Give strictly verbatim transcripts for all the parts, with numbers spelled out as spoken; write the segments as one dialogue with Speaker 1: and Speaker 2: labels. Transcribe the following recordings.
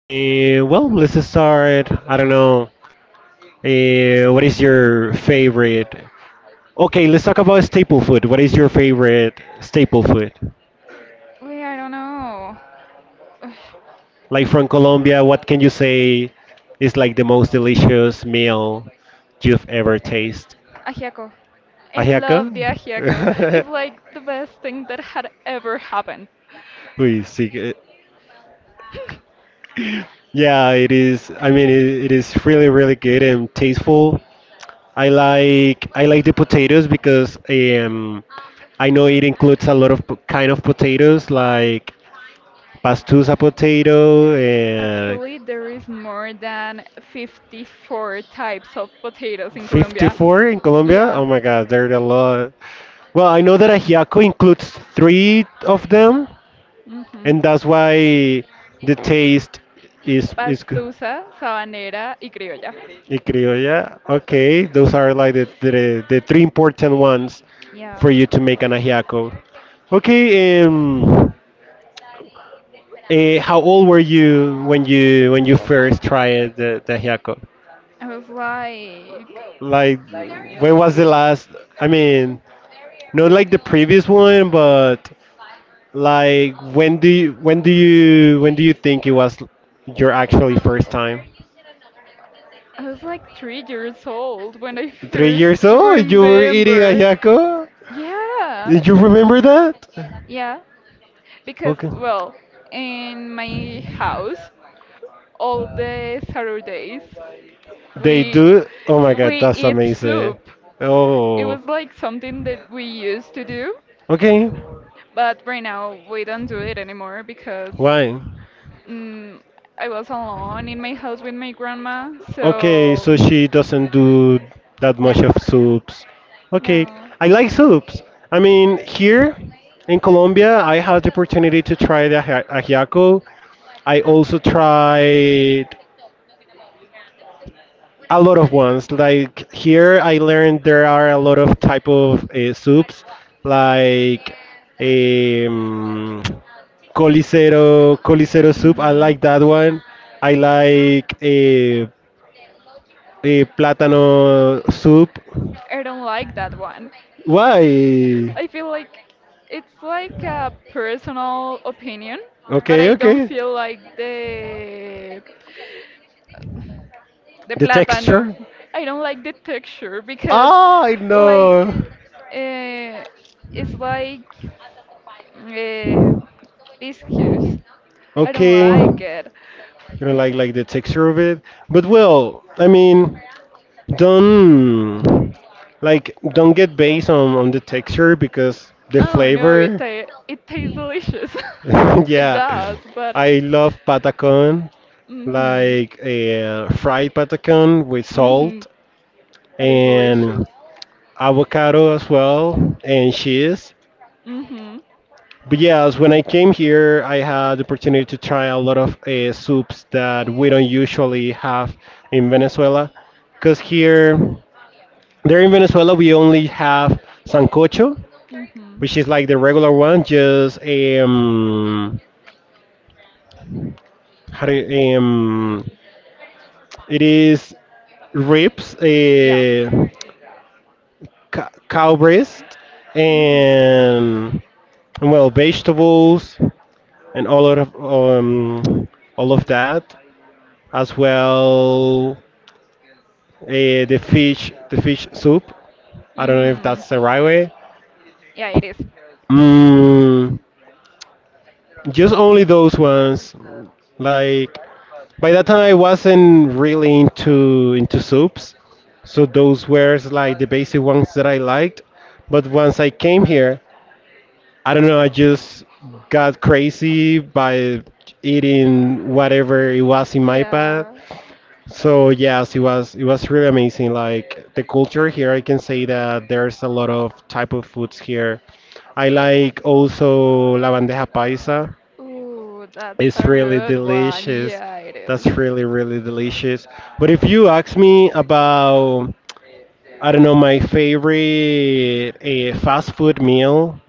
Speaker 1: Eh, well, let's start. I don't know. Eh, what is your favorite? Okay, let's talk about staple food. What is your favorite staple food?
Speaker 2: Wait, I don't know. Ugh,
Speaker 1: Like from Colombia, what can you say is like the most delicious meal you've ever tasted?
Speaker 2: Ajiaco. I
Speaker 1: Ajiaco?
Speaker 2: love the ajiaco. It's like the best thing that had ever happened.
Speaker 1: Uy, sí. que- Yeah, it is. I mean, it, it is really, really good and tasteful. I like I like the potatoes because um, I know it includes a lot of po- kind of potatoes like pastusa potato and
Speaker 2: Actually, there is more than fifty-four types of potatoes in Colombia.
Speaker 1: fifty-four in Colombia.
Speaker 2: Yeah.
Speaker 1: Oh my God, there are a lot. Well, I know that ajiaco includes three of them,
Speaker 2: Mm-hmm.
Speaker 1: and that's why the taste is is good.
Speaker 2: Pastusa, sabanera, y criolla.
Speaker 1: Y criolla. Okay, those are like the, the the three important ones
Speaker 2: Yeah.
Speaker 1: for you to make an ajiaco. Okay, um. Eh, how old were you when you when you first tried the, the hiaco?
Speaker 2: I was like,
Speaker 1: Like, when was the last? I mean, not like the previous one, but like when do you when do you when do you think it was your actually first time?
Speaker 2: I was like three years old when I
Speaker 1: Three
Speaker 2: first
Speaker 1: years old, you were eating a
Speaker 2: remember.
Speaker 1: hiaco.
Speaker 2: Yeah.
Speaker 1: Did you remember that?
Speaker 2: Yeah. Because,
Speaker 1: Okay.
Speaker 2: well, in my house, all the Saturdays
Speaker 1: They
Speaker 2: we
Speaker 1: do. Oh my God,
Speaker 2: we
Speaker 1: that's
Speaker 2: eat
Speaker 1: amazing.
Speaker 2: soup. It
Speaker 1: Oh.
Speaker 2: was like something that we used to do,
Speaker 1: Okay.
Speaker 2: but right now we don't do it anymore because
Speaker 1: Why?
Speaker 2: mm, I was alone in my house with my grandma.
Speaker 1: Okay,
Speaker 2: So
Speaker 1: so she doesn't do that much
Speaker 2: no,
Speaker 1: of soups. Okay,
Speaker 2: no,
Speaker 1: I like soups. I mean, here in Colombia, I had the opportunity to try the aji- ajiaco. I also tried a lot of ones. Like here, I learned there are a lot of type of uh, soups, like um, colicero, colicero soup. I
Speaker 2: hmm
Speaker 1: like that one. I like. Uh, the plátano soup.
Speaker 2: I don't like that one.
Speaker 1: Why?
Speaker 2: I feel like it's like a personal opinion, but
Speaker 1: Okay,
Speaker 2: I don't
Speaker 1: okay.
Speaker 2: feel like the the
Speaker 1: The
Speaker 2: plátano.
Speaker 1: texture?
Speaker 2: I don't like the texture because
Speaker 1: Ah, I
Speaker 2: like
Speaker 1: know.
Speaker 2: uh, it's like uh, biscuits. I don't
Speaker 1: Okay,
Speaker 2: like
Speaker 1: you
Speaker 2: it.
Speaker 1: don't like like the texture of it, but well, I mean, don't like don't get based on on the texture because the
Speaker 2: Oh no, it
Speaker 1: flavor.
Speaker 2: ta- it tastes delicious. it
Speaker 1: Yeah,
Speaker 2: does, but
Speaker 1: I love patacon,
Speaker 2: mhm,
Speaker 1: like a fried patacon with
Speaker 2: mhm,
Speaker 1: salt
Speaker 2: that is delicious.
Speaker 1: and avocado as well, and cheese.
Speaker 2: Mhm.
Speaker 1: But yes, when I came here, I had the opportunity to try a lot of uh, soups that we don't usually have in Venezuela. Because here, there in Venezuela, we only have sancocho,
Speaker 2: Mm-hmm.
Speaker 1: which is like the regular one, just um, how do you, um, it is ribs,
Speaker 2: Yeah.
Speaker 1: uh, ca- cow breast,
Speaker 2: hmm
Speaker 1: and well, vegetables. And all of um, all of that, as well uh, the fish the fish soup. I don't know if
Speaker 2: hmm
Speaker 1: that's the right way.
Speaker 2: Yeah, it is.
Speaker 1: Mm, just only those ones. Like by that time, I wasn't really into into soups, so those were like the basic ones that I liked. But once I came here, I don't know. I just got crazy by eating whatever it was in my path.
Speaker 2: Yeah.
Speaker 1: So yes, it was it was really amazing. Like the culture here, I can say that there's a lot of type of foods here. I like also la bandeja paisa.
Speaker 2: Ooh, that's
Speaker 1: It's
Speaker 2: a
Speaker 1: really
Speaker 2: good one.
Speaker 1: delicious.
Speaker 2: Yeah, it
Speaker 1: That's
Speaker 2: is.
Speaker 1: really really delicious. But if you ask me about I don't know my favorite uh, fast food meal,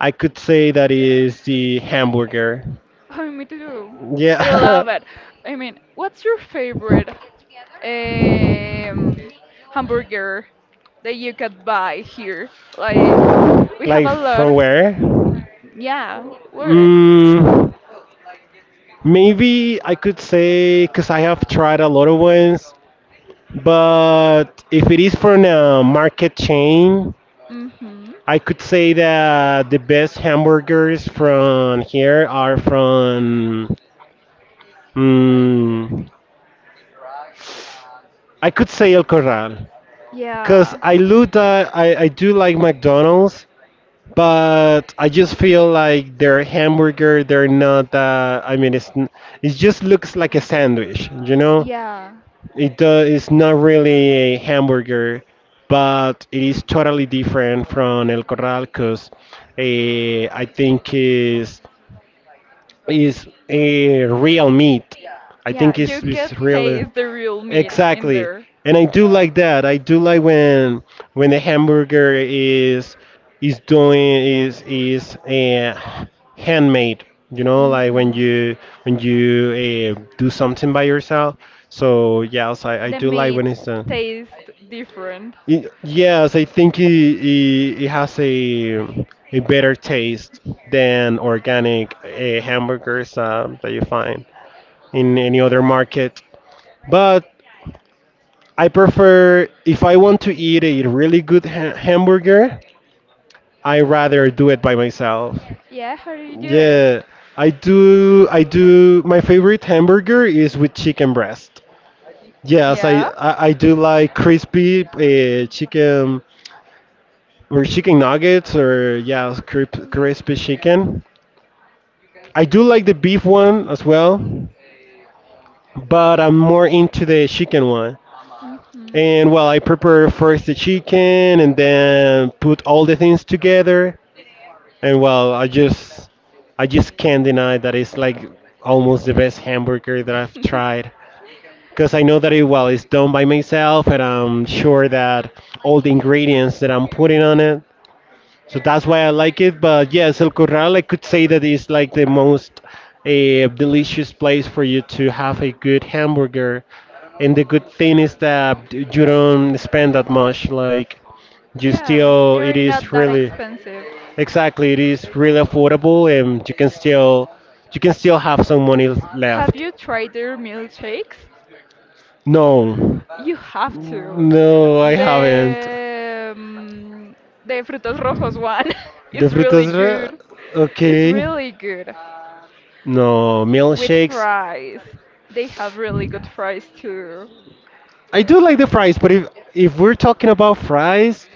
Speaker 1: I could say that is the hamburger.
Speaker 2: Oh, me too. I
Speaker 1: Yeah,
Speaker 2: love it. I mean, what's your favorite um, hamburger that you could buy here? Like, we have
Speaker 1: like
Speaker 2: a lot.
Speaker 1: from
Speaker 2: Y-
Speaker 1: where?
Speaker 2: Yeah, where?
Speaker 1: Mm, maybe I could say because I have tried a lot of ones, but if it is from a market chain,
Speaker 2: Mm-hmm.
Speaker 1: I could say that the best hamburgers from here are from. Mm, I could say El Corral because
Speaker 2: Yeah.
Speaker 1: I look at, I, I do like McDonald's, but I just feel like their hamburger they're not. Uh, I mean, it's n- it just looks like a
Speaker 2: you know?
Speaker 1: sandwich, you know.
Speaker 2: Yeah,
Speaker 1: It does, it's not really a hamburger, but it is totally different from El Corral because I think is is a real meat. I
Speaker 2: yeah,
Speaker 1: think it's
Speaker 2: you can
Speaker 1: it's really
Speaker 2: taste the real meat in Exactly,
Speaker 1: exactly.
Speaker 2: there.
Speaker 1: And I do like that. I do like when when the hamburger is is doing is is uh, handmade. You know,
Speaker 2: Exactly,
Speaker 1: like when
Speaker 2: hmm
Speaker 1: you
Speaker 2: yeah.
Speaker 1: when you uh, do something by yourself. So yes, I, I
Speaker 2: The So,
Speaker 1: do like
Speaker 2: meat
Speaker 1: when it's done.
Speaker 2: tastes different.
Speaker 1: Y- Yes, I think it, it, it has a a better taste than organic uh, hamburgers um, that you find in any other market. But I prefer if I want to eat a really good ha- hamburger, I rather do it by myself.
Speaker 2: Yeah, how do you do it?
Speaker 1: Yeah, I do. I do. My favorite hamburger is with chicken breast. Yes, I
Speaker 2: Yeah.
Speaker 1: I, I do like crispy uh, chicken or chicken nuggets, or yeah, crisp- crispy chicken. I do like the beef one as well, but I'm more into the chicken one.
Speaker 2: hmm
Speaker 1: And well, I prepare first the
Speaker 2: it
Speaker 1: chicken, and then put all the things together. And well, I just, I just can't deny that it's like almost the best hamburger that I've
Speaker 2: together,
Speaker 1: tried. Because I know that it well, it's done by myself, and I'm sure that all the ingredients that I'm putting on it so that's why I like it. But yes, El Corral, I could say that is like the most uh, delicious place for you to have a good hamburger. And the good thing is that you don't spend that much. Like you
Speaker 2: Yeah,
Speaker 1: still,
Speaker 2: they're
Speaker 1: it
Speaker 2: not
Speaker 1: is
Speaker 2: that
Speaker 1: really
Speaker 2: expensive.
Speaker 1: exactly, it is really affordable, and you can still, you can still have some money
Speaker 2: Have
Speaker 1: left.
Speaker 2: you tried their milkshakes?
Speaker 1: No,
Speaker 2: You have to.
Speaker 1: no, I haven't.
Speaker 2: The um, the Frutos Rojos one
Speaker 1: The
Speaker 2: is
Speaker 1: frutas,
Speaker 2: really
Speaker 1: re-
Speaker 2: good. It's
Speaker 1: okay.
Speaker 2: really good
Speaker 1: No,
Speaker 2: with
Speaker 1: milkshakes.
Speaker 2: fries. They have really good fries too.
Speaker 1: I do like the fries, but if if we're talking about fries,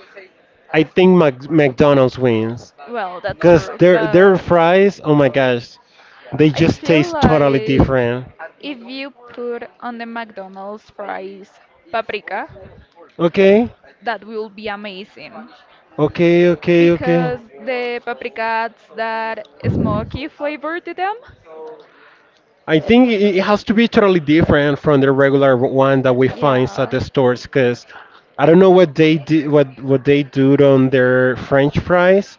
Speaker 1: I think Mac- McDonald's wins
Speaker 2: Well, that's
Speaker 1: because
Speaker 2: true,
Speaker 1: their their
Speaker 2: but
Speaker 1: fries, oh my gosh, they
Speaker 2: I
Speaker 1: just
Speaker 2: feel
Speaker 1: taste totally
Speaker 2: like
Speaker 1: different.
Speaker 2: if you put on the McDonald's fries paprika,
Speaker 1: Okay,
Speaker 2: that will be amazing
Speaker 1: okay, okay, okay.
Speaker 2: because the paprika adds that smoky flavor to them.
Speaker 1: I think it it has to be totally different from the regular one that we find at
Speaker 2: Yeah.
Speaker 1: the stores because I don't know what they do, what what they do on their French fries,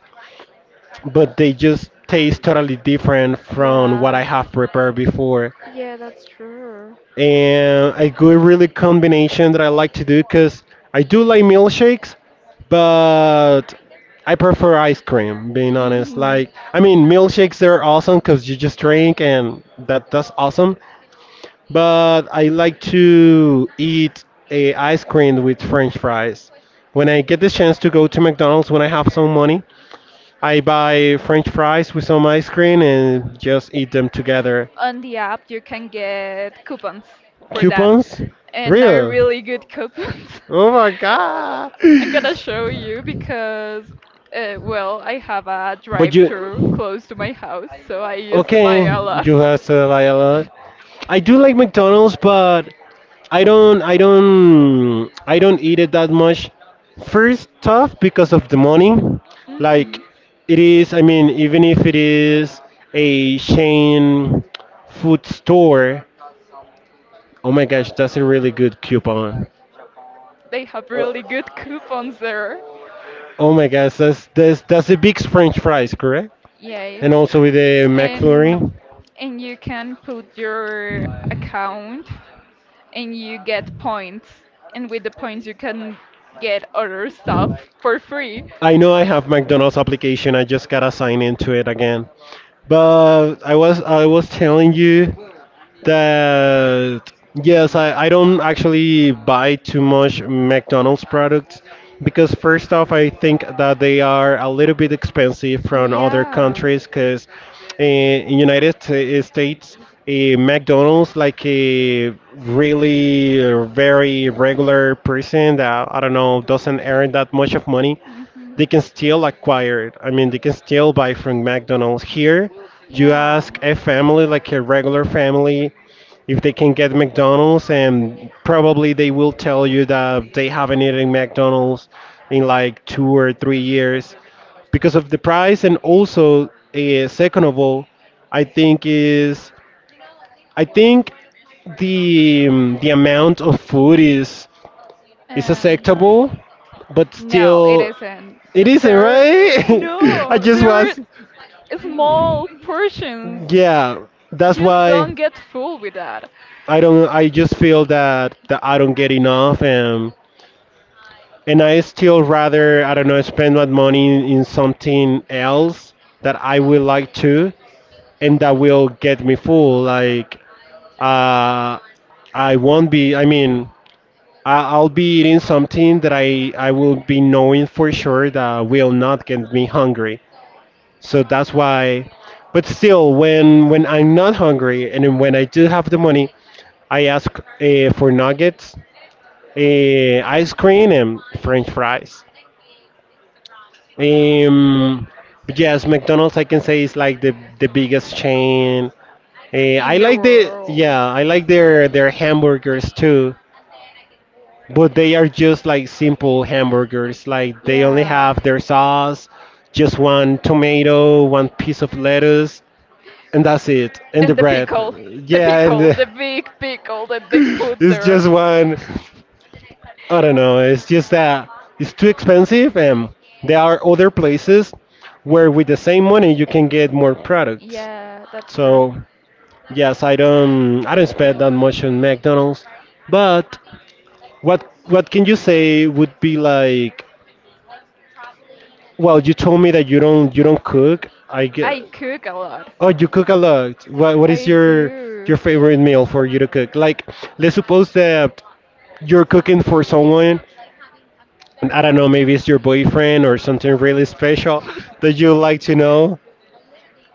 Speaker 1: but they just taste totally different from what I
Speaker 2: Yeah,
Speaker 1: have prepared before.
Speaker 2: yeah, that's true.
Speaker 1: And a good really combination that I like to do because I do like milkshakes, but I prefer ice cream. Being honest,
Speaker 2: Hmm
Speaker 1: like I mean, milkshakes they're awesome because you just drink and that that's awesome. But I like to eat a ice cream with French fries. When I get the chance to go to McDonald's when I have some money, I buy French fries with some ice cream and just eat them together.
Speaker 2: On the app, you can get coupons for that,
Speaker 1: Coupons,
Speaker 2: and are
Speaker 1: real.
Speaker 2: really good coupons.
Speaker 1: Oh my god.
Speaker 2: I'm gonna show you because, uh, well, I have a
Speaker 1: But
Speaker 2: drive-through
Speaker 1: you,
Speaker 2: close to my house, so I used to buy
Speaker 1: okay,
Speaker 2: a lot.
Speaker 1: you have to lie a lot. I do like McDonald's, but I don't, I don't, I don't eat it that much. First, tough because of the money. Like,
Speaker 2: hmm
Speaker 1: it is. I mean, even if it is a chain food store, oh my gosh, that's a really good coupon.
Speaker 2: They have really good coupons there.
Speaker 1: Oh my gosh, that's that's that's a big French fries, correct?
Speaker 2: Yay.
Speaker 1: And also with a
Speaker 2: And
Speaker 1: McFlurry.
Speaker 2: and you can put your account and you get points. And with the points you can get other stuff for free.
Speaker 1: I know I have McDonald's application. I just gotta sign into it again. But I was I was telling you that yes, I, I don't actually buy too much McDonald's products because first off, I think that they are a little bit expensive from other
Speaker 2: Yeah.
Speaker 1: countries because in United Sta- States, a McDonald's like a really uh, very regular person that I don't know doesn't earn that much of money
Speaker 2: hmm
Speaker 1: they can still acquire it. I mean, they can still buy from McDonald's. Here, you
Speaker 2: Yeah.
Speaker 1: ask a family, like a regular family, if they can get McDonald's, and probably they will tell you that they haven't eaten McDonald's in like two or three years because of the price, and also, uh, second of all, I think is I think the um, the amount of food is is
Speaker 2: Um
Speaker 1: acceptable, but
Speaker 2: no, it
Speaker 1: still
Speaker 2: isn't.
Speaker 1: it isn't,
Speaker 2: There
Speaker 1: right? I
Speaker 2: no,
Speaker 1: just
Speaker 2: there are
Speaker 1: was,
Speaker 2: small portions.
Speaker 1: yeah. That's
Speaker 2: You
Speaker 1: why
Speaker 2: don't get full with that.
Speaker 1: I don't. I just feel that that I don't get enough, and and I still rather I don't know spend my money in something else that I will like to, and that will get me full. Like, uh, I won't be. I mean, I- I'll be eating something that I I will be knowing for sure that will not get me hungry. So that's why. But still, when when I'm not hungry and then when I do have the money, I ask uh, for nuggets, uh, ice cream, and French fries. Um, but yes, McDonald's I can say is like the the biggest chain. Eh,
Speaker 2: In
Speaker 1: I
Speaker 2: the
Speaker 1: like the
Speaker 2: world.
Speaker 1: yeah, I like their their hamburgers too, but they are just like simple hamburgers. Like they only
Speaker 2: Yeah.
Speaker 1: have their sauce, just one tomato, one piece of lettuce, and that's it. And the
Speaker 2: And the
Speaker 1: bread,
Speaker 2: pickle. The
Speaker 1: yeah, and
Speaker 2: pickle.
Speaker 1: the,
Speaker 2: The big pickle that they put
Speaker 1: it's
Speaker 2: there.
Speaker 1: just one. I don't know. It's just that it's too expensive, and there are other places where with the same money you can get more products.
Speaker 2: yeah, that's true.
Speaker 1: So yes, I don't I don't spend that much on McDonald's, but what what can you say would be like? Well, you told me that you don't you don't cook. I get
Speaker 2: I cook a lot.
Speaker 1: oh you cook a lot. What what is
Speaker 2: I
Speaker 1: your your
Speaker 2: do.
Speaker 1: favorite meal for you to cook? Like let's suppose that you're cooking for someone, and I don't know, maybe it's your boyfriend or something really special that you like to know,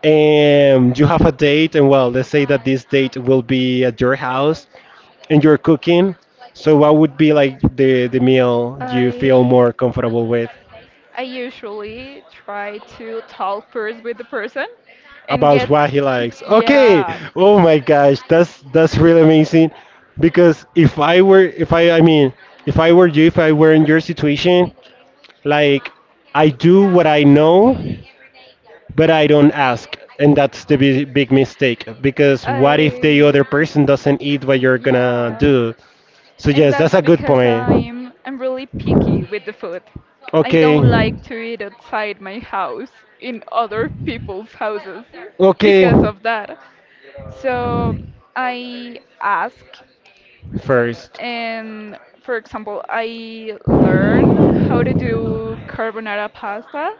Speaker 1: and you have a date, and well, let's say that this date will be at your house and you're cooking. So, what would be like the, the meal you feel more
Speaker 2: I
Speaker 1: comfortable with?
Speaker 2: I usually try to talk first with the person and
Speaker 1: About
Speaker 2: get
Speaker 1: what he likes. Okay.
Speaker 2: yeah.
Speaker 1: Oh my gosh, that's that's really amazing. Because if I were, if I, I mean, if I were you, if I were in your situation, like I do what I know, but I don't ask. And that's the bi- big mistake, because what if the
Speaker 2: I
Speaker 1: other person doesn't eat, what you're gonna
Speaker 2: yeah.
Speaker 1: do? So,
Speaker 2: And
Speaker 1: yes, that's
Speaker 2: that's
Speaker 1: a good
Speaker 2: because
Speaker 1: point.
Speaker 2: I'm I'm really picky with the food. I
Speaker 1: Okay.
Speaker 2: don't like to eat outside my house in other people's houses
Speaker 1: Okay.
Speaker 2: because of that. So I ask
Speaker 1: First.
Speaker 2: and for example, I learn how to do carbonara pasta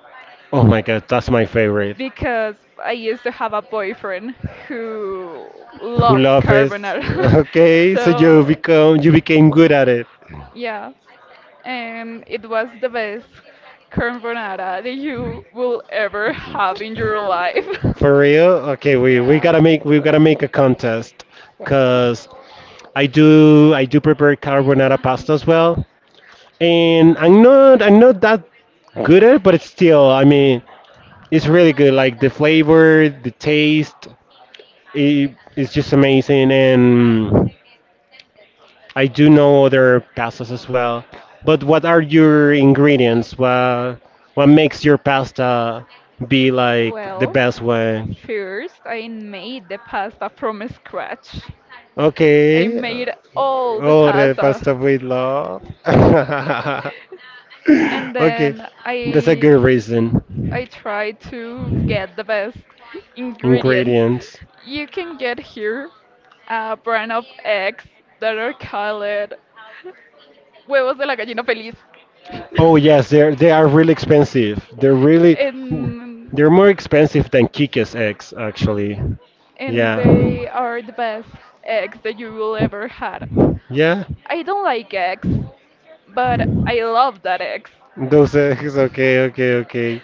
Speaker 1: Oh my god, that's my favorite.
Speaker 2: because I used to have a boyfriend who loves
Speaker 1: Hulafes.
Speaker 2: carbonara.
Speaker 1: Okay, so you
Speaker 2: so,
Speaker 1: become you became good at it.
Speaker 2: yeah. And it was the best carbonara that you will ever have in your life.
Speaker 1: For real? Okay, we, we
Speaker 2: yeah.
Speaker 1: gotta make we gotta make a contest. Cause I do I do prepare carbonara pasta as well, and I'm not I'm not that good at it, but it's still, I mean, it's really good. Like the flavor, the taste, it, it's just amazing, and I do know other pastas as well. But what are your ingredients? What what makes your pasta be like the
Speaker 2: Well,
Speaker 1: best one?
Speaker 2: first I made the pasta from scratch. I
Speaker 1: Okay.
Speaker 2: made all the
Speaker 1: Oh, the
Speaker 2: pasta
Speaker 1: pasta with love.
Speaker 2: and
Speaker 1: Okay,
Speaker 2: then
Speaker 1: that's a
Speaker 2: I
Speaker 1: good reason.
Speaker 2: I tried to get the best ingredients.
Speaker 1: Ingredients.
Speaker 2: You can get here a brand of eggs that are called Huevos de la gallina feliz.
Speaker 1: Oh yes, they're they are really expensive. They're really
Speaker 2: and
Speaker 1: they're more expensive than Kikes eggs actually.
Speaker 2: and
Speaker 1: Yeah.
Speaker 2: they are the best eggs that you will ever had.
Speaker 1: Yeah.
Speaker 2: I don't like eggs, but I love that eggs.
Speaker 1: Those eggs. Okay. Okay. Okay.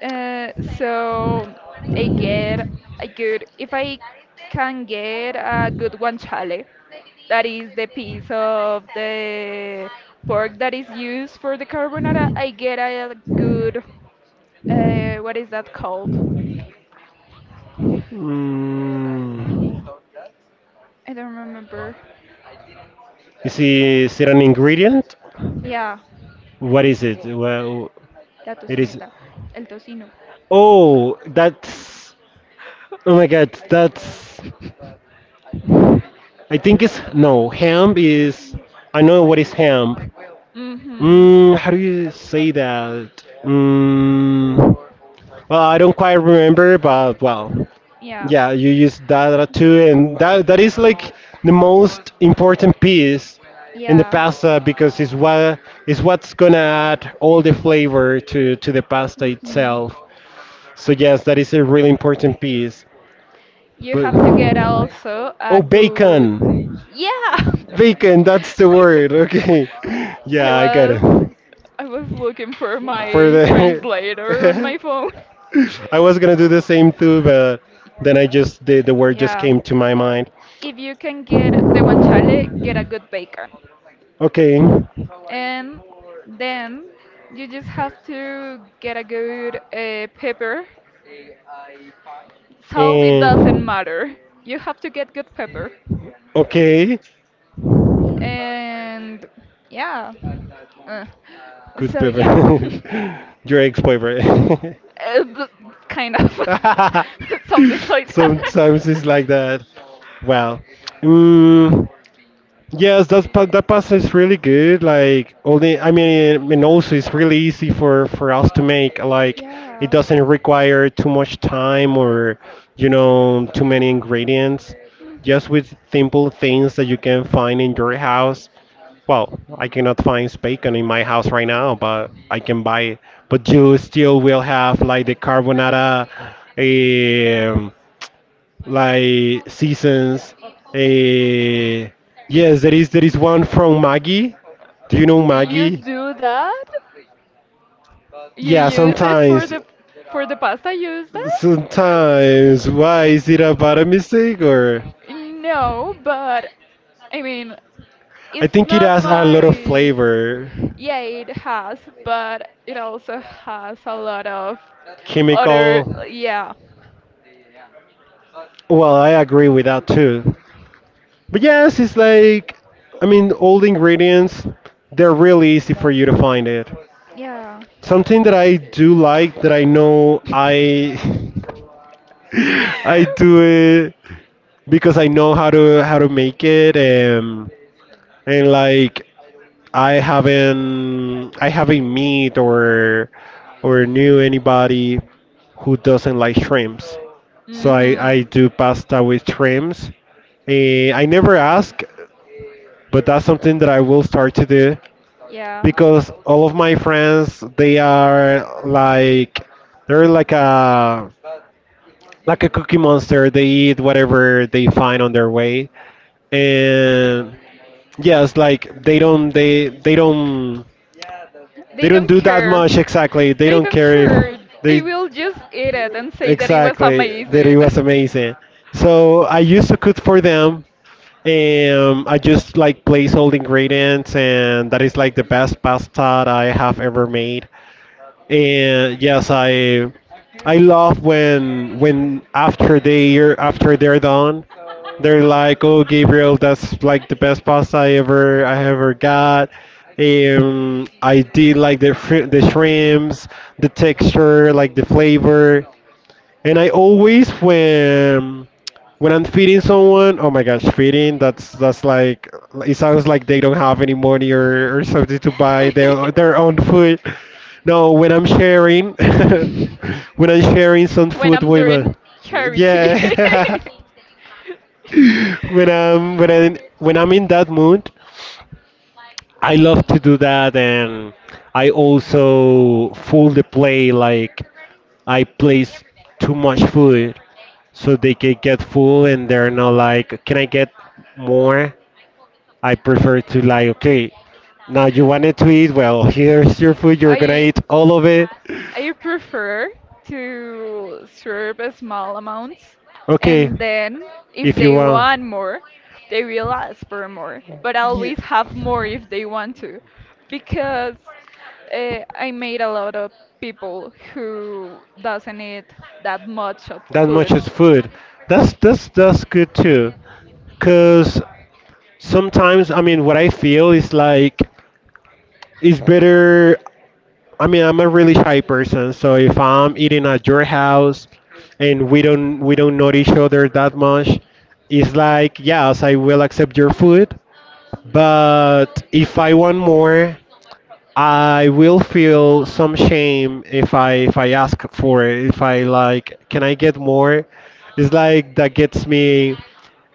Speaker 2: Uh, so I get a good if I can get a good guanciale, that is the piece of the pork that is used for the carbonara. I get a good uh, what is that called?
Speaker 1: Mm.
Speaker 2: I don't remember.
Speaker 1: Is it, is it an ingredient?
Speaker 2: Yeah,
Speaker 1: What is it? Well,
Speaker 2: la
Speaker 1: it is.
Speaker 2: tocineta, el tocino.
Speaker 1: Oh, that's. Oh my God, that's. I think it's no, ham is. I know what is ham.
Speaker 2: Mhm.
Speaker 1: Mm, how do you say that? Mm, well, I don't quite remember, but well,
Speaker 2: Yeah.
Speaker 1: yeah, you use that too, and that that is like the most important piece in the
Speaker 2: Yeah.
Speaker 1: pasta, because it's what is what's gonna add all the flavor to to the pasta
Speaker 2: Mhm.
Speaker 1: itself. So yes, that is a really important piece.
Speaker 2: You
Speaker 1: But
Speaker 2: have to get also a
Speaker 1: oh,
Speaker 2: good.
Speaker 1: bacon.
Speaker 2: Yeah.
Speaker 1: Vacant, that's the word. Okay.
Speaker 2: I
Speaker 1: Yeah, I got it.
Speaker 2: was I was looking for
Speaker 1: For
Speaker 2: my
Speaker 1: the
Speaker 2: translator on my phone.
Speaker 1: I was gonna do the same too, but then I just the, the word just
Speaker 2: Yeah.
Speaker 1: came to my mind.
Speaker 2: If you can get the guanciale, get a good bacon.
Speaker 1: Okay.
Speaker 2: And then you just have to get a good uh, pepper. Salt, it doesn't
Speaker 1: And
Speaker 2: matter. You have to get good pepper.
Speaker 1: okay.
Speaker 2: And yeah. Uh,
Speaker 1: Good
Speaker 2: so yeah.
Speaker 1: boyfriend. Your ex boyfriend.
Speaker 2: Uh, but kind of. Something like that.
Speaker 1: Sometimes it's like that. Well, mm, yes, that pa- that pasta is really good. Like only, I mean, and also it's really easy for for us to make. Like it
Speaker 2: Yeah.
Speaker 1: doesn't require too much time or you know too many ingredients. Just with simple things that you can find in your house. Well, I cannot find bacon in my house right now, but I can buy it. But you still will have like the carbonara. Um, like seasons. Uh, yes, there is there is one from Maggie. Do you know
Speaker 2: You
Speaker 1: Maggie?
Speaker 2: do that? You
Speaker 1: Yeah,
Speaker 2: use it for
Speaker 1: sometimes,
Speaker 2: the for the pasta? Use that?
Speaker 1: sometimes. Why, is it about a mistake, or?
Speaker 2: No, but I mean,
Speaker 1: I
Speaker 2: it's
Speaker 1: think it
Speaker 2: not
Speaker 1: has a lot of
Speaker 2: my.
Speaker 1: flavor,
Speaker 2: Yeah, it has, but it also has a lot of other.
Speaker 1: chemical.
Speaker 2: Yeah,
Speaker 1: Well, I agree with that too. But yes, it's like, I mean, all the ingredients, they're really easy for you to find it.
Speaker 2: yeah.
Speaker 1: Something that I do like, that I know I I do it because I know how to how to make it, and and like I haven't I haven't met or or knew anybody who doesn't like shrimps. So I, I
Speaker 2: Mhm.
Speaker 1: do pasta with shrimps. Eh, I never ask, but that's something that I will start to do,
Speaker 2: Yeah.
Speaker 1: because all of my friends they are like they're like a like a cookie monster. They eat whatever they find on their way, and yes, like they don't they they don't
Speaker 2: They
Speaker 1: they don't
Speaker 2: don't
Speaker 1: do that
Speaker 2: care.
Speaker 1: much exactly. They
Speaker 2: They
Speaker 1: don't
Speaker 2: don't
Speaker 1: care if
Speaker 2: care. They
Speaker 1: they
Speaker 2: will just eat it and say that it was
Speaker 1: exactly that it
Speaker 2: amazing.
Speaker 1: was amazing. So I used to cook for them. um, I just like place all the ingredients, and that is like the best pasta that I have ever made. And yes, I I love when when after they are after they're done, they're like, "Oh, Gabriel, that's like the best pasta I ever I ever got." Um, I did like the shri- the shrimps, the texture, like the flavor. And I always when when I'm feeding someone, oh my gosh, feeding, that's that's like it sounds like they don't have any money, or, or something to buy their their own food. No, when I'm sharing, when I'm sharing some
Speaker 2: when
Speaker 1: food
Speaker 2: I'm
Speaker 1: with my,
Speaker 2: doing charity.
Speaker 1: yeah, when I'm when I when I'm in that mood, I love to do that, and I also full the play, like I place too much food so they can get full, and they're not like, can I get more? I prefer to like, okay, now you wanted to eat, well, here's your food, you're gonna
Speaker 2: I
Speaker 1: eat all of it.
Speaker 2: I prefer to serve a small amounts
Speaker 1: Okay,
Speaker 2: and then if
Speaker 1: if you
Speaker 2: they
Speaker 1: want.
Speaker 2: want more, they will ask for more. But I always have more if they want to because uh, I made a lot of people who doesn't eat that much of
Speaker 1: That much
Speaker 2: food.
Speaker 1: is food. That's that's that's good too, cause sometimes, I mean, what I feel is like it's better, I mean, I'm a really shy person, so if I'm eating at your house, and we don't we don't know each other that much, it's like yes, I will accept your food, but if I want more, I will feel some shame if I if I ask for it. If I, like, can I get more? It's like that gets me.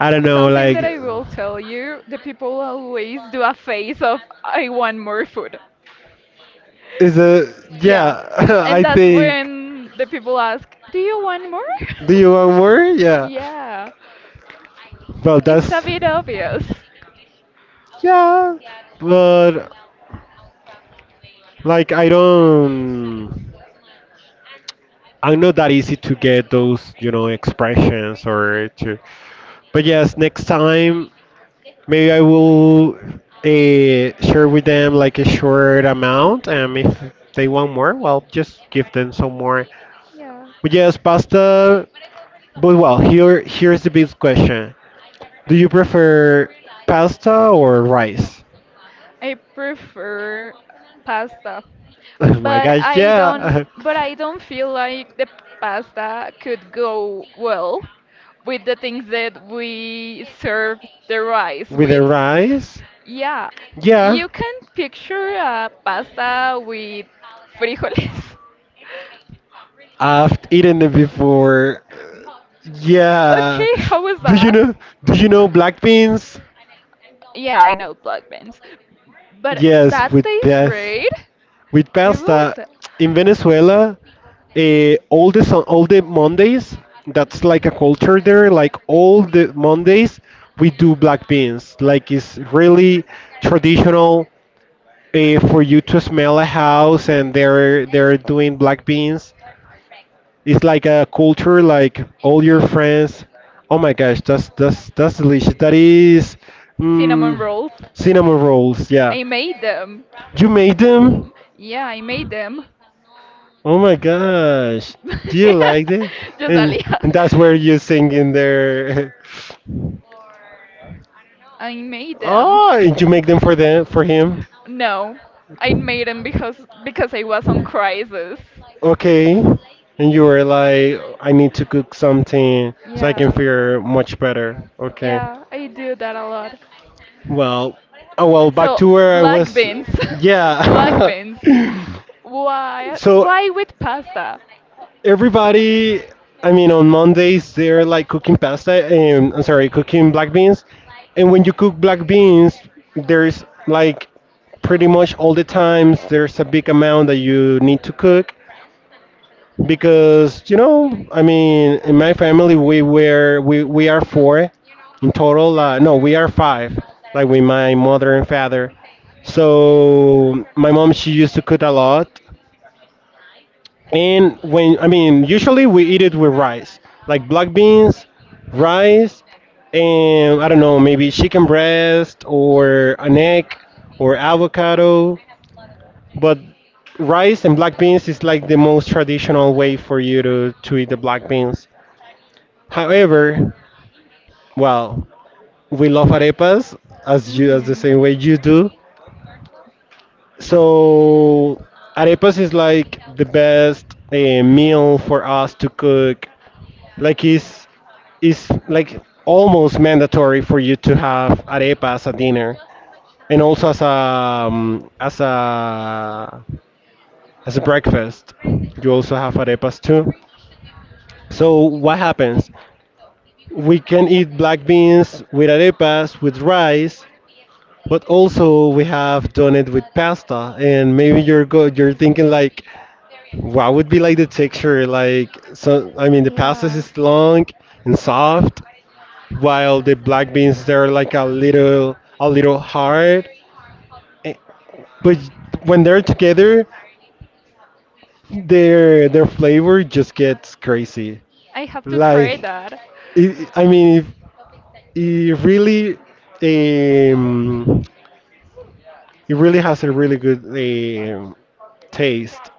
Speaker 1: I don't know.
Speaker 2: Something
Speaker 1: Like,
Speaker 2: that I will tell you, the people always do a face of I want more food.
Speaker 1: is a
Speaker 2: Yeah.
Speaker 1: yeah.
Speaker 2: And
Speaker 1: I
Speaker 2: that's
Speaker 1: think.
Speaker 2: when the people ask, Do you want more?
Speaker 1: Do you want more? Yeah.
Speaker 2: yeah.
Speaker 1: Well,
Speaker 2: It's a
Speaker 1: that's
Speaker 2: bit obvious.
Speaker 1: yeah, but like I don't, I'm not that easy to get those, you know, expressions, or to. But yes, next time maybe I will uh, share with them like a short amount, and if they want more, well, just give them some more.
Speaker 2: Yeah.
Speaker 1: But yes, pasta. But well, here here's the big question: do you prefer pasta or rice?
Speaker 2: I prefer pasta.
Speaker 1: Oh my
Speaker 2: But
Speaker 1: gosh,
Speaker 2: I don't
Speaker 1: yeah.
Speaker 2: but I don't feel like the pasta could go well with the things that we serve the rice
Speaker 1: With the
Speaker 2: with.
Speaker 1: rice?
Speaker 2: Yeah.
Speaker 1: Yeah.
Speaker 2: You can picture a pasta with frijoles.
Speaker 1: I've eaten it before. Yeah.
Speaker 2: Okay, how was
Speaker 1: Do you
Speaker 2: that?
Speaker 1: know do you know black beans?
Speaker 2: Yeah, I know black beans, but
Speaker 1: Yes,
Speaker 2: that
Speaker 1: with
Speaker 2: tastes
Speaker 1: yes.
Speaker 2: great.
Speaker 1: With
Speaker 2: You will
Speaker 1: pasta
Speaker 2: say
Speaker 1: in Venezuela, eh, all the sun, all the Mondays, that's like a culture there. Like all the Mondays, we do black beans. Like it's really traditional, eh, for you to smell a house, and they're they're doing black beans, it's like a culture, like all your friends, oh my gosh, that's that's that's delicious, that is,
Speaker 2: cinnamon
Speaker 1: mm,
Speaker 2: rolls.
Speaker 1: cinnamon rolls, yeah,
Speaker 2: I made them.
Speaker 1: you made them.
Speaker 2: Yeah, I made them.
Speaker 1: Oh my gosh. Do you like it?
Speaker 2: Just
Speaker 1: And
Speaker 2: Alia.
Speaker 1: and that's where you sing in there.
Speaker 2: I made them.
Speaker 1: Oh, and you make them for them, for him?
Speaker 2: No, I made them because because I was on crisis.
Speaker 1: Okay. And you were like, I need to cook something so I can
Speaker 2: Yeah,
Speaker 1: feel much better. Okay.
Speaker 2: yeah, I do that a lot.
Speaker 1: Well, oh well, back
Speaker 2: So
Speaker 1: to where I
Speaker 2: black
Speaker 1: was.
Speaker 2: beans, black
Speaker 1: Yeah.
Speaker 2: beans. Why?
Speaker 1: So
Speaker 2: Why with pasta?
Speaker 1: everybody, I mean, on Mondays they're like cooking pasta, and I'm sorry, cooking black beans, and when you cook black beans, there's like pretty much all the times there's a big amount that you need to cook, because, you know I mean, in my family we were we, we are four in total, uh, no, we are five, like with my mother and father. So my mom, she used to cook a lot, and when I mean, usually we eat it with rice, like black beans, rice, and I don't know, maybe chicken breast or an egg or avocado. But rice and black beans is like the most traditional way for you to, to eat the black beans. However, well, we love arepas, as you as the
Speaker 2: Hmm
Speaker 1: same way you do. So arepas is like the best uh, meal for us to cook. Like it's it's like almost mandatory for you to have arepa as a dinner, and also as a um, as a as a breakfast, you also have arepas too. So what happens, we can eat black beans with arepas, with rice, but also we have done it with pasta. And maybe you're go you're thinking like, what would be like the texture, like, so I mean, the pasta
Speaker 2: Yeah.
Speaker 1: is long and soft, while the black beans, they're like a little a little hard. Eh, but when they're together, their their flavor just gets crazy,
Speaker 2: I have to try
Speaker 1: like
Speaker 2: that.
Speaker 1: it, I mean, if it really um, it really has a really good um, taste,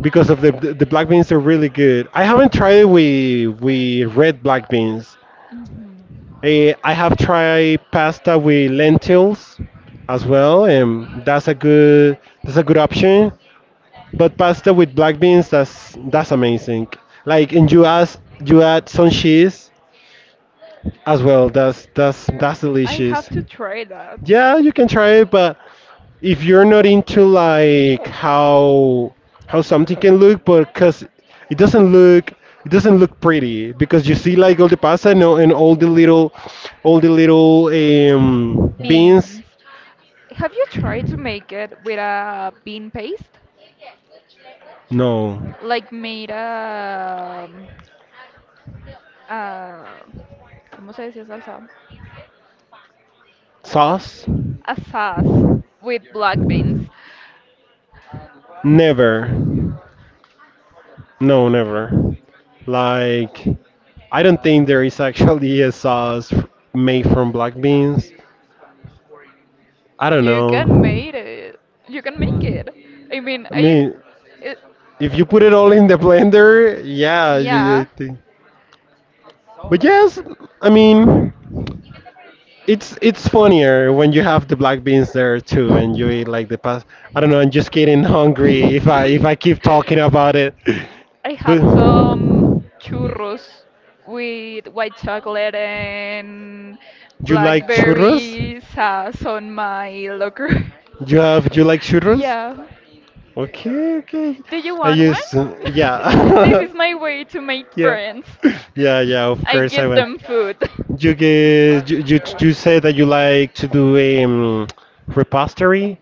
Speaker 1: because of the the black beans are really good. I haven't tried it with with red black beans.
Speaker 2: Hmm
Speaker 1: Eh, I have tried pasta with lentils as well, and that's a good that's a good option. But pasta with black beans, that's that's amazing. Like, and you add you add some cheese as well. That's that's that's
Speaker 2: I have
Speaker 1: delicious.
Speaker 2: to try that.
Speaker 1: Yeah, you can try it, but if you're not into like how how something can look, but because it doesn't look it doesn't look pretty, because you see like all the pasta, and, all- and all the little all the little um, beans.
Speaker 2: Beans. Have you tried to make it with a bean paste?
Speaker 1: No.
Speaker 2: Like made a, a ¿cómo se decía salsa?
Speaker 1: Sauce?
Speaker 2: A sauce with black beans.
Speaker 1: Never. No, never. Like, I don't think there is actually a sauce f- made from black beans. I don't
Speaker 2: You can
Speaker 1: know.
Speaker 2: make it. You can make it. I mean,
Speaker 1: I
Speaker 2: I.
Speaker 1: mean,
Speaker 2: It,
Speaker 1: if you put it all in the blender, yeah, you, I
Speaker 2: yeah.
Speaker 1: think. But yes, I mean, it's it's funnier when you have the black beans there too, and you eat like the past. I don't know. I'm just getting hungry if I if I keep talking about it.
Speaker 2: I
Speaker 1: But
Speaker 2: have some churros with white chocolate and
Speaker 1: you like churros?
Speaker 2: blackberry sauce on my locker.
Speaker 1: You have you like churros?
Speaker 2: yeah.
Speaker 1: Okay, okay.
Speaker 2: Do you
Speaker 1: I
Speaker 2: want one?
Speaker 1: just,
Speaker 2: this
Speaker 1: yeah,
Speaker 2: is my way to make
Speaker 1: yeah,
Speaker 2: friends.
Speaker 1: yeah, yeah. Of
Speaker 2: I
Speaker 1: course, I
Speaker 2: give
Speaker 1: went.
Speaker 2: them food.
Speaker 1: You get, you, you, you said that you like to do um, repository.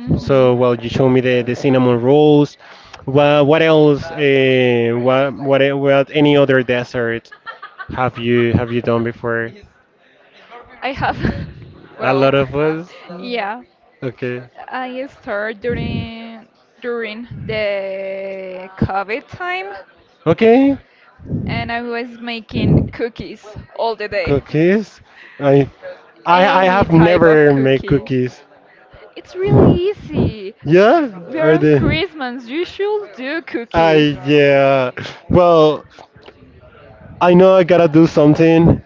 Speaker 2: hmm
Speaker 1: So, well, you showed me the, the cinnamon rolls. What, what else? Uh, what, what, e- what? Any other dessert have you have you done before?
Speaker 2: I have,
Speaker 1: A
Speaker 2: well,
Speaker 1: lot of us.
Speaker 2: yeah.
Speaker 1: Okay.
Speaker 2: I started during during the COVID time,
Speaker 1: Okay.
Speaker 2: and I was making cookies all the day.
Speaker 1: Cookies. I, I, I
Speaker 2: Any
Speaker 1: have
Speaker 2: type of
Speaker 1: never made
Speaker 2: cookie.
Speaker 1: cookies.
Speaker 2: It's really easy.
Speaker 1: Yeah?
Speaker 2: We're
Speaker 1: Are
Speaker 2: on
Speaker 1: they?
Speaker 2: Christmas. You should do cookies.
Speaker 1: I, yeah. Well, I know I gotta do something.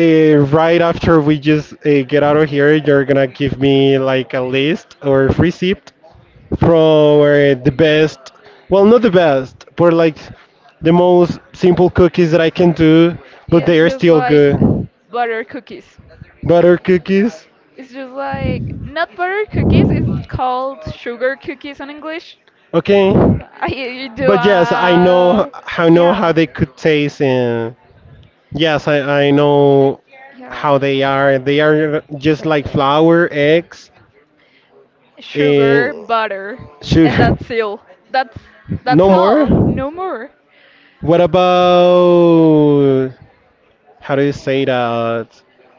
Speaker 1: Uh, right after we just uh, get out of here, you're gonna give me like a list or receipt from uh, the best, well, not the best, but like the most simple cookies that I can do, but they
Speaker 2: It's
Speaker 1: are
Speaker 2: just
Speaker 1: still
Speaker 2: like
Speaker 1: good.
Speaker 2: butter cookies.
Speaker 1: Butter cookies,
Speaker 2: It's just like not butter cookies. It's called sugar cookies in English.
Speaker 1: okay?
Speaker 2: I you do
Speaker 1: But yes, I know
Speaker 2: uh
Speaker 1: I know how
Speaker 2: yeah
Speaker 1: they could taste. And yes, I, I know
Speaker 2: yeah
Speaker 1: how they are. They are just like flour, eggs, and
Speaker 2: sugar butter and
Speaker 1: sugar.
Speaker 2: that's all. That's
Speaker 1: No
Speaker 2: that's
Speaker 1: more?
Speaker 2: all. No more.
Speaker 1: What about, how do you say that?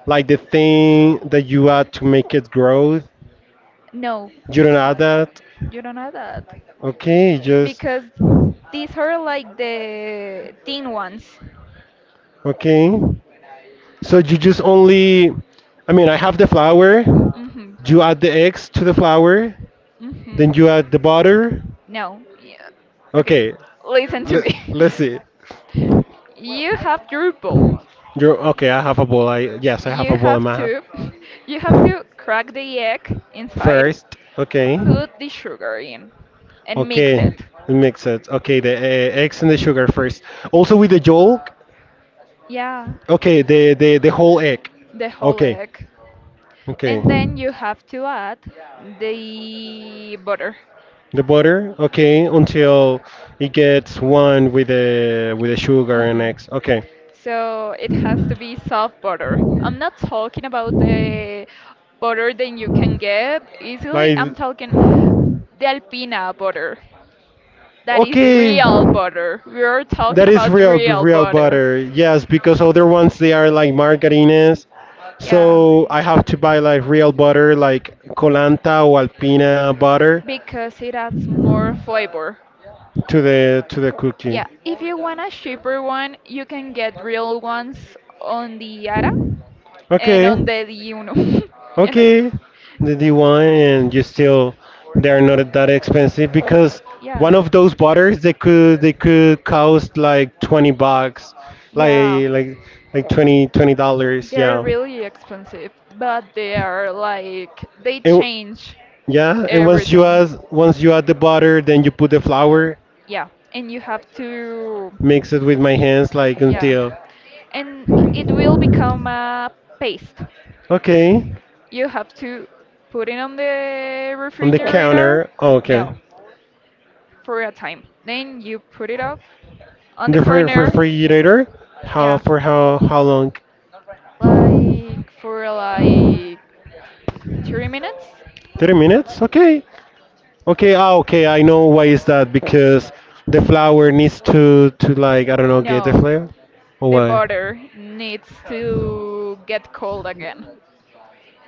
Speaker 1: Like the thing that you add to make it grow?
Speaker 2: No,
Speaker 1: You don't add that?
Speaker 2: you don't have that
Speaker 1: Okay, just,
Speaker 2: because these are like the thin ones.
Speaker 1: okay. So you just only, I mean, I have the flour.
Speaker 2: Mhm.
Speaker 1: You add the eggs to the flour.
Speaker 2: Mhm.
Speaker 1: Then you add the butter.
Speaker 2: No. Yeah. Okay.
Speaker 1: Okay,
Speaker 2: Listen to
Speaker 1: le-
Speaker 2: me.
Speaker 1: let's see.
Speaker 2: you have your bowl.
Speaker 1: You're okay. I have a ball. I yes, I have a
Speaker 2: You
Speaker 1: ball in
Speaker 2: have
Speaker 1: my hand.
Speaker 2: to you have to crack the egg inside,
Speaker 1: First, okay,
Speaker 2: put the sugar in and mix it.
Speaker 1: okay, mix it. Okay, the uh, eggs and the sugar first. Also with the yolk.
Speaker 2: Yeah,
Speaker 1: Okay, the the the whole egg.
Speaker 2: the whole
Speaker 1: Okay,
Speaker 2: egg.
Speaker 1: okay,
Speaker 2: And then you have to add the butter.
Speaker 1: the butter. Okay, until it gets one with the with the sugar and
Speaker 2: Mhm.
Speaker 1: eggs. Okay,
Speaker 2: So it has to be soft butter. I'm not talking about the butter that you can get easily.
Speaker 1: like
Speaker 2: I'm talking the Alpina butter. That is
Speaker 1: okay.
Speaker 2: real butter. We are talking
Speaker 1: That is
Speaker 2: about
Speaker 1: real
Speaker 2: real
Speaker 1: real
Speaker 2: butter.
Speaker 1: butter. Yes, because other ones they are like margarines.
Speaker 2: Yeah,
Speaker 1: So I have to buy like real butter like Colanta or Alpina butter
Speaker 2: because it adds more flavor.
Speaker 1: to the to the cookie.
Speaker 2: Yeah, if you want a cheaper one, you can get real ones on the Ara and
Speaker 1: Okay.
Speaker 2: on the Diuno. and, uh,
Speaker 1: Okay. The D one. And you still they are not that expensive because
Speaker 2: yeah,
Speaker 1: one of those butters they could they could cost like twenty bucks. Like
Speaker 2: yeah.
Speaker 1: like like twenty twenty dollars,
Speaker 2: They're
Speaker 1: yeah.
Speaker 2: really expensive, but they are like they
Speaker 1: And
Speaker 2: change
Speaker 1: yeah, and once you
Speaker 2: everything.
Speaker 1: add once you add the butter, then you put the flour,
Speaker 2: Yeah, and you have to
Speaker 1: mix it with my hands like
Speaker 2: yeah.
Speaker 1: until
Speaker 2: And it will become a paste.
Speaker 1: okay.
Speaker 2: You have to put it on the
Speaker 1: On the
Speaker 2: refrigerator.
Speaker 1: counter, okay.
Speaker 2: No, for a time. Then you put it up on
Speaker 1: In
Speaker 2: the
Speaker 1: the fri- fri-
Speaker 2: corner.
Speaker 1: refrigerator, how
Speaker 2: Yeah.
Speaker 1: for how how long?
Speaker 2: Like for like thirty minutes?
Speaker 1: Thirty minutes. Okay, okay. Ah, okay. I know why is that because the flour needs to to like I don't know get the
Speaker 2: No,
Speaker 1: flavor or
Speaker 2: the
Speaker 1: why?
Speaker 2: butter needs to get cold again.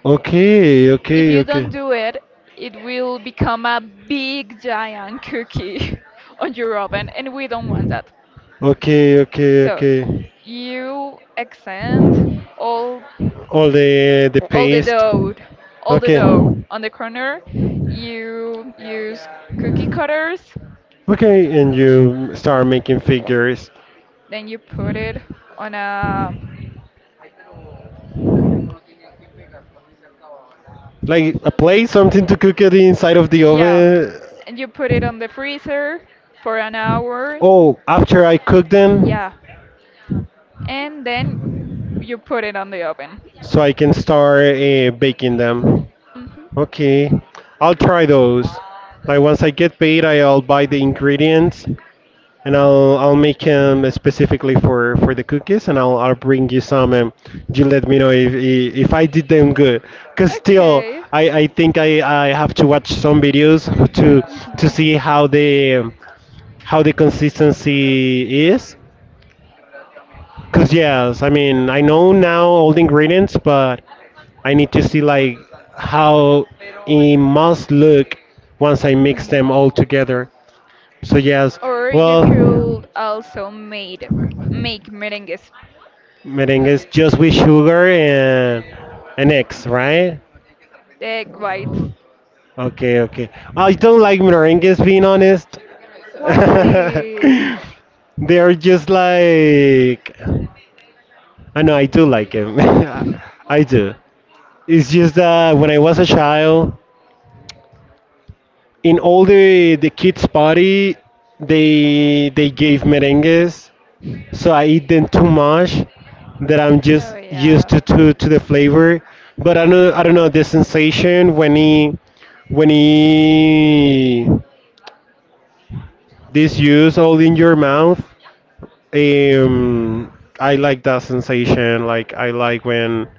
Speaker 1: Okay,
Speaker 2: If
Speaker 1: okay,
Speaker 2: you
Speaker 1: okay,
Speaker 2: don't do it, it will become a big giant cookie on your oven, and we don't want that.
Speaker 1: okay, okay,
Speaker 2: So
Speaker 1: okay.
Speaker 2: you extend all
Speaker 1: All the the
Speaker 2: all the
Speaker 1: paste.
Speaker 2: dough, all the
Speaker 1: Okay.
Speaker 2: dough on the corner. You use cookie cutters,
Speaker 1: Okay, and you start making figures.
Speaker 2: then you put it on a
Speaker 1: Like a plate, something to cook it inside of the
Speaker 2: yeah,
Speaker 1: oven.
Speaker 2: and you put it on the freezer for an hour.
Speaker 1: Oh, after I cook them,
Speaker 2: Yeah, and then you put it on the oven.
Speaker 1: so I can start uh, baking them.
Speaker 2: Hmm
Speaker 1: Okay, I'll try those. Like once I get paid, I'll buy the ingredients and I'll I'll make them specifically for for the cookies, and I'll I'll bring you some, and you let me know if if if I did them good. Cause still,
Speaker 2: Okay.
Speaker 1: I I think I I have to watch some videos to to see how the um, how the consistency is. Cause yes, I mean I know now all the ingredients, but I need to see like how it must look once I mix
Speaker 2: Mhm. Mhm.
Speaker 1: them all together. So yes,
Speaker 2: Or you
Speaker 1: well.
Speaker 2: could also made make merengues,
Speaker 1: Merengue is just
Speaker 2: the
Speaker 1: with sugar and and eggs, right?
Speaker 2: egg whites.
Speaker 1: Okay, okay. I don't like merengues, being honest.
Speaker 2: Why?
Speaker 1: They're just like. I know I do like them. I do. It's just that when I was a child, in all the the kids' party, they they gave merengues, so I eat them too much that I'm
Speaker 2: Oh
Speaker 1: just used
Speaker 2: yeah.
Speaker 1: to to, to the flavor. But I know I don't know the sensation when he when he this use all in your mouth. Um, I like that sensation. Like I like when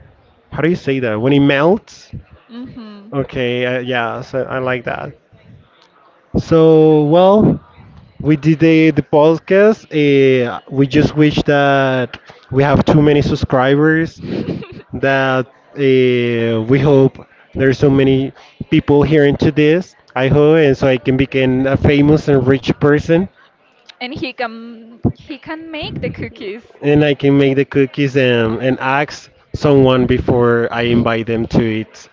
Speaker 1: how do you say that when it melts.
Speaker 2: Mhm.
Speaker 1: Okay, uh, yeah, so I like that. So well, we did the the podcast. Uh, we just wish that we have too many subscribers that uh, we hope there's so many people hearing to this. I hope, and so I can become a famous and rich person,
Speaker 2: And he can he can make the cookies.
Speaker 1: and I can make the cookies and, and ask someone before I invite them to it.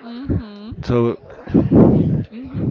Speaker 2: Mhm.
Speaker 1: So
Speaker 2: Mhm.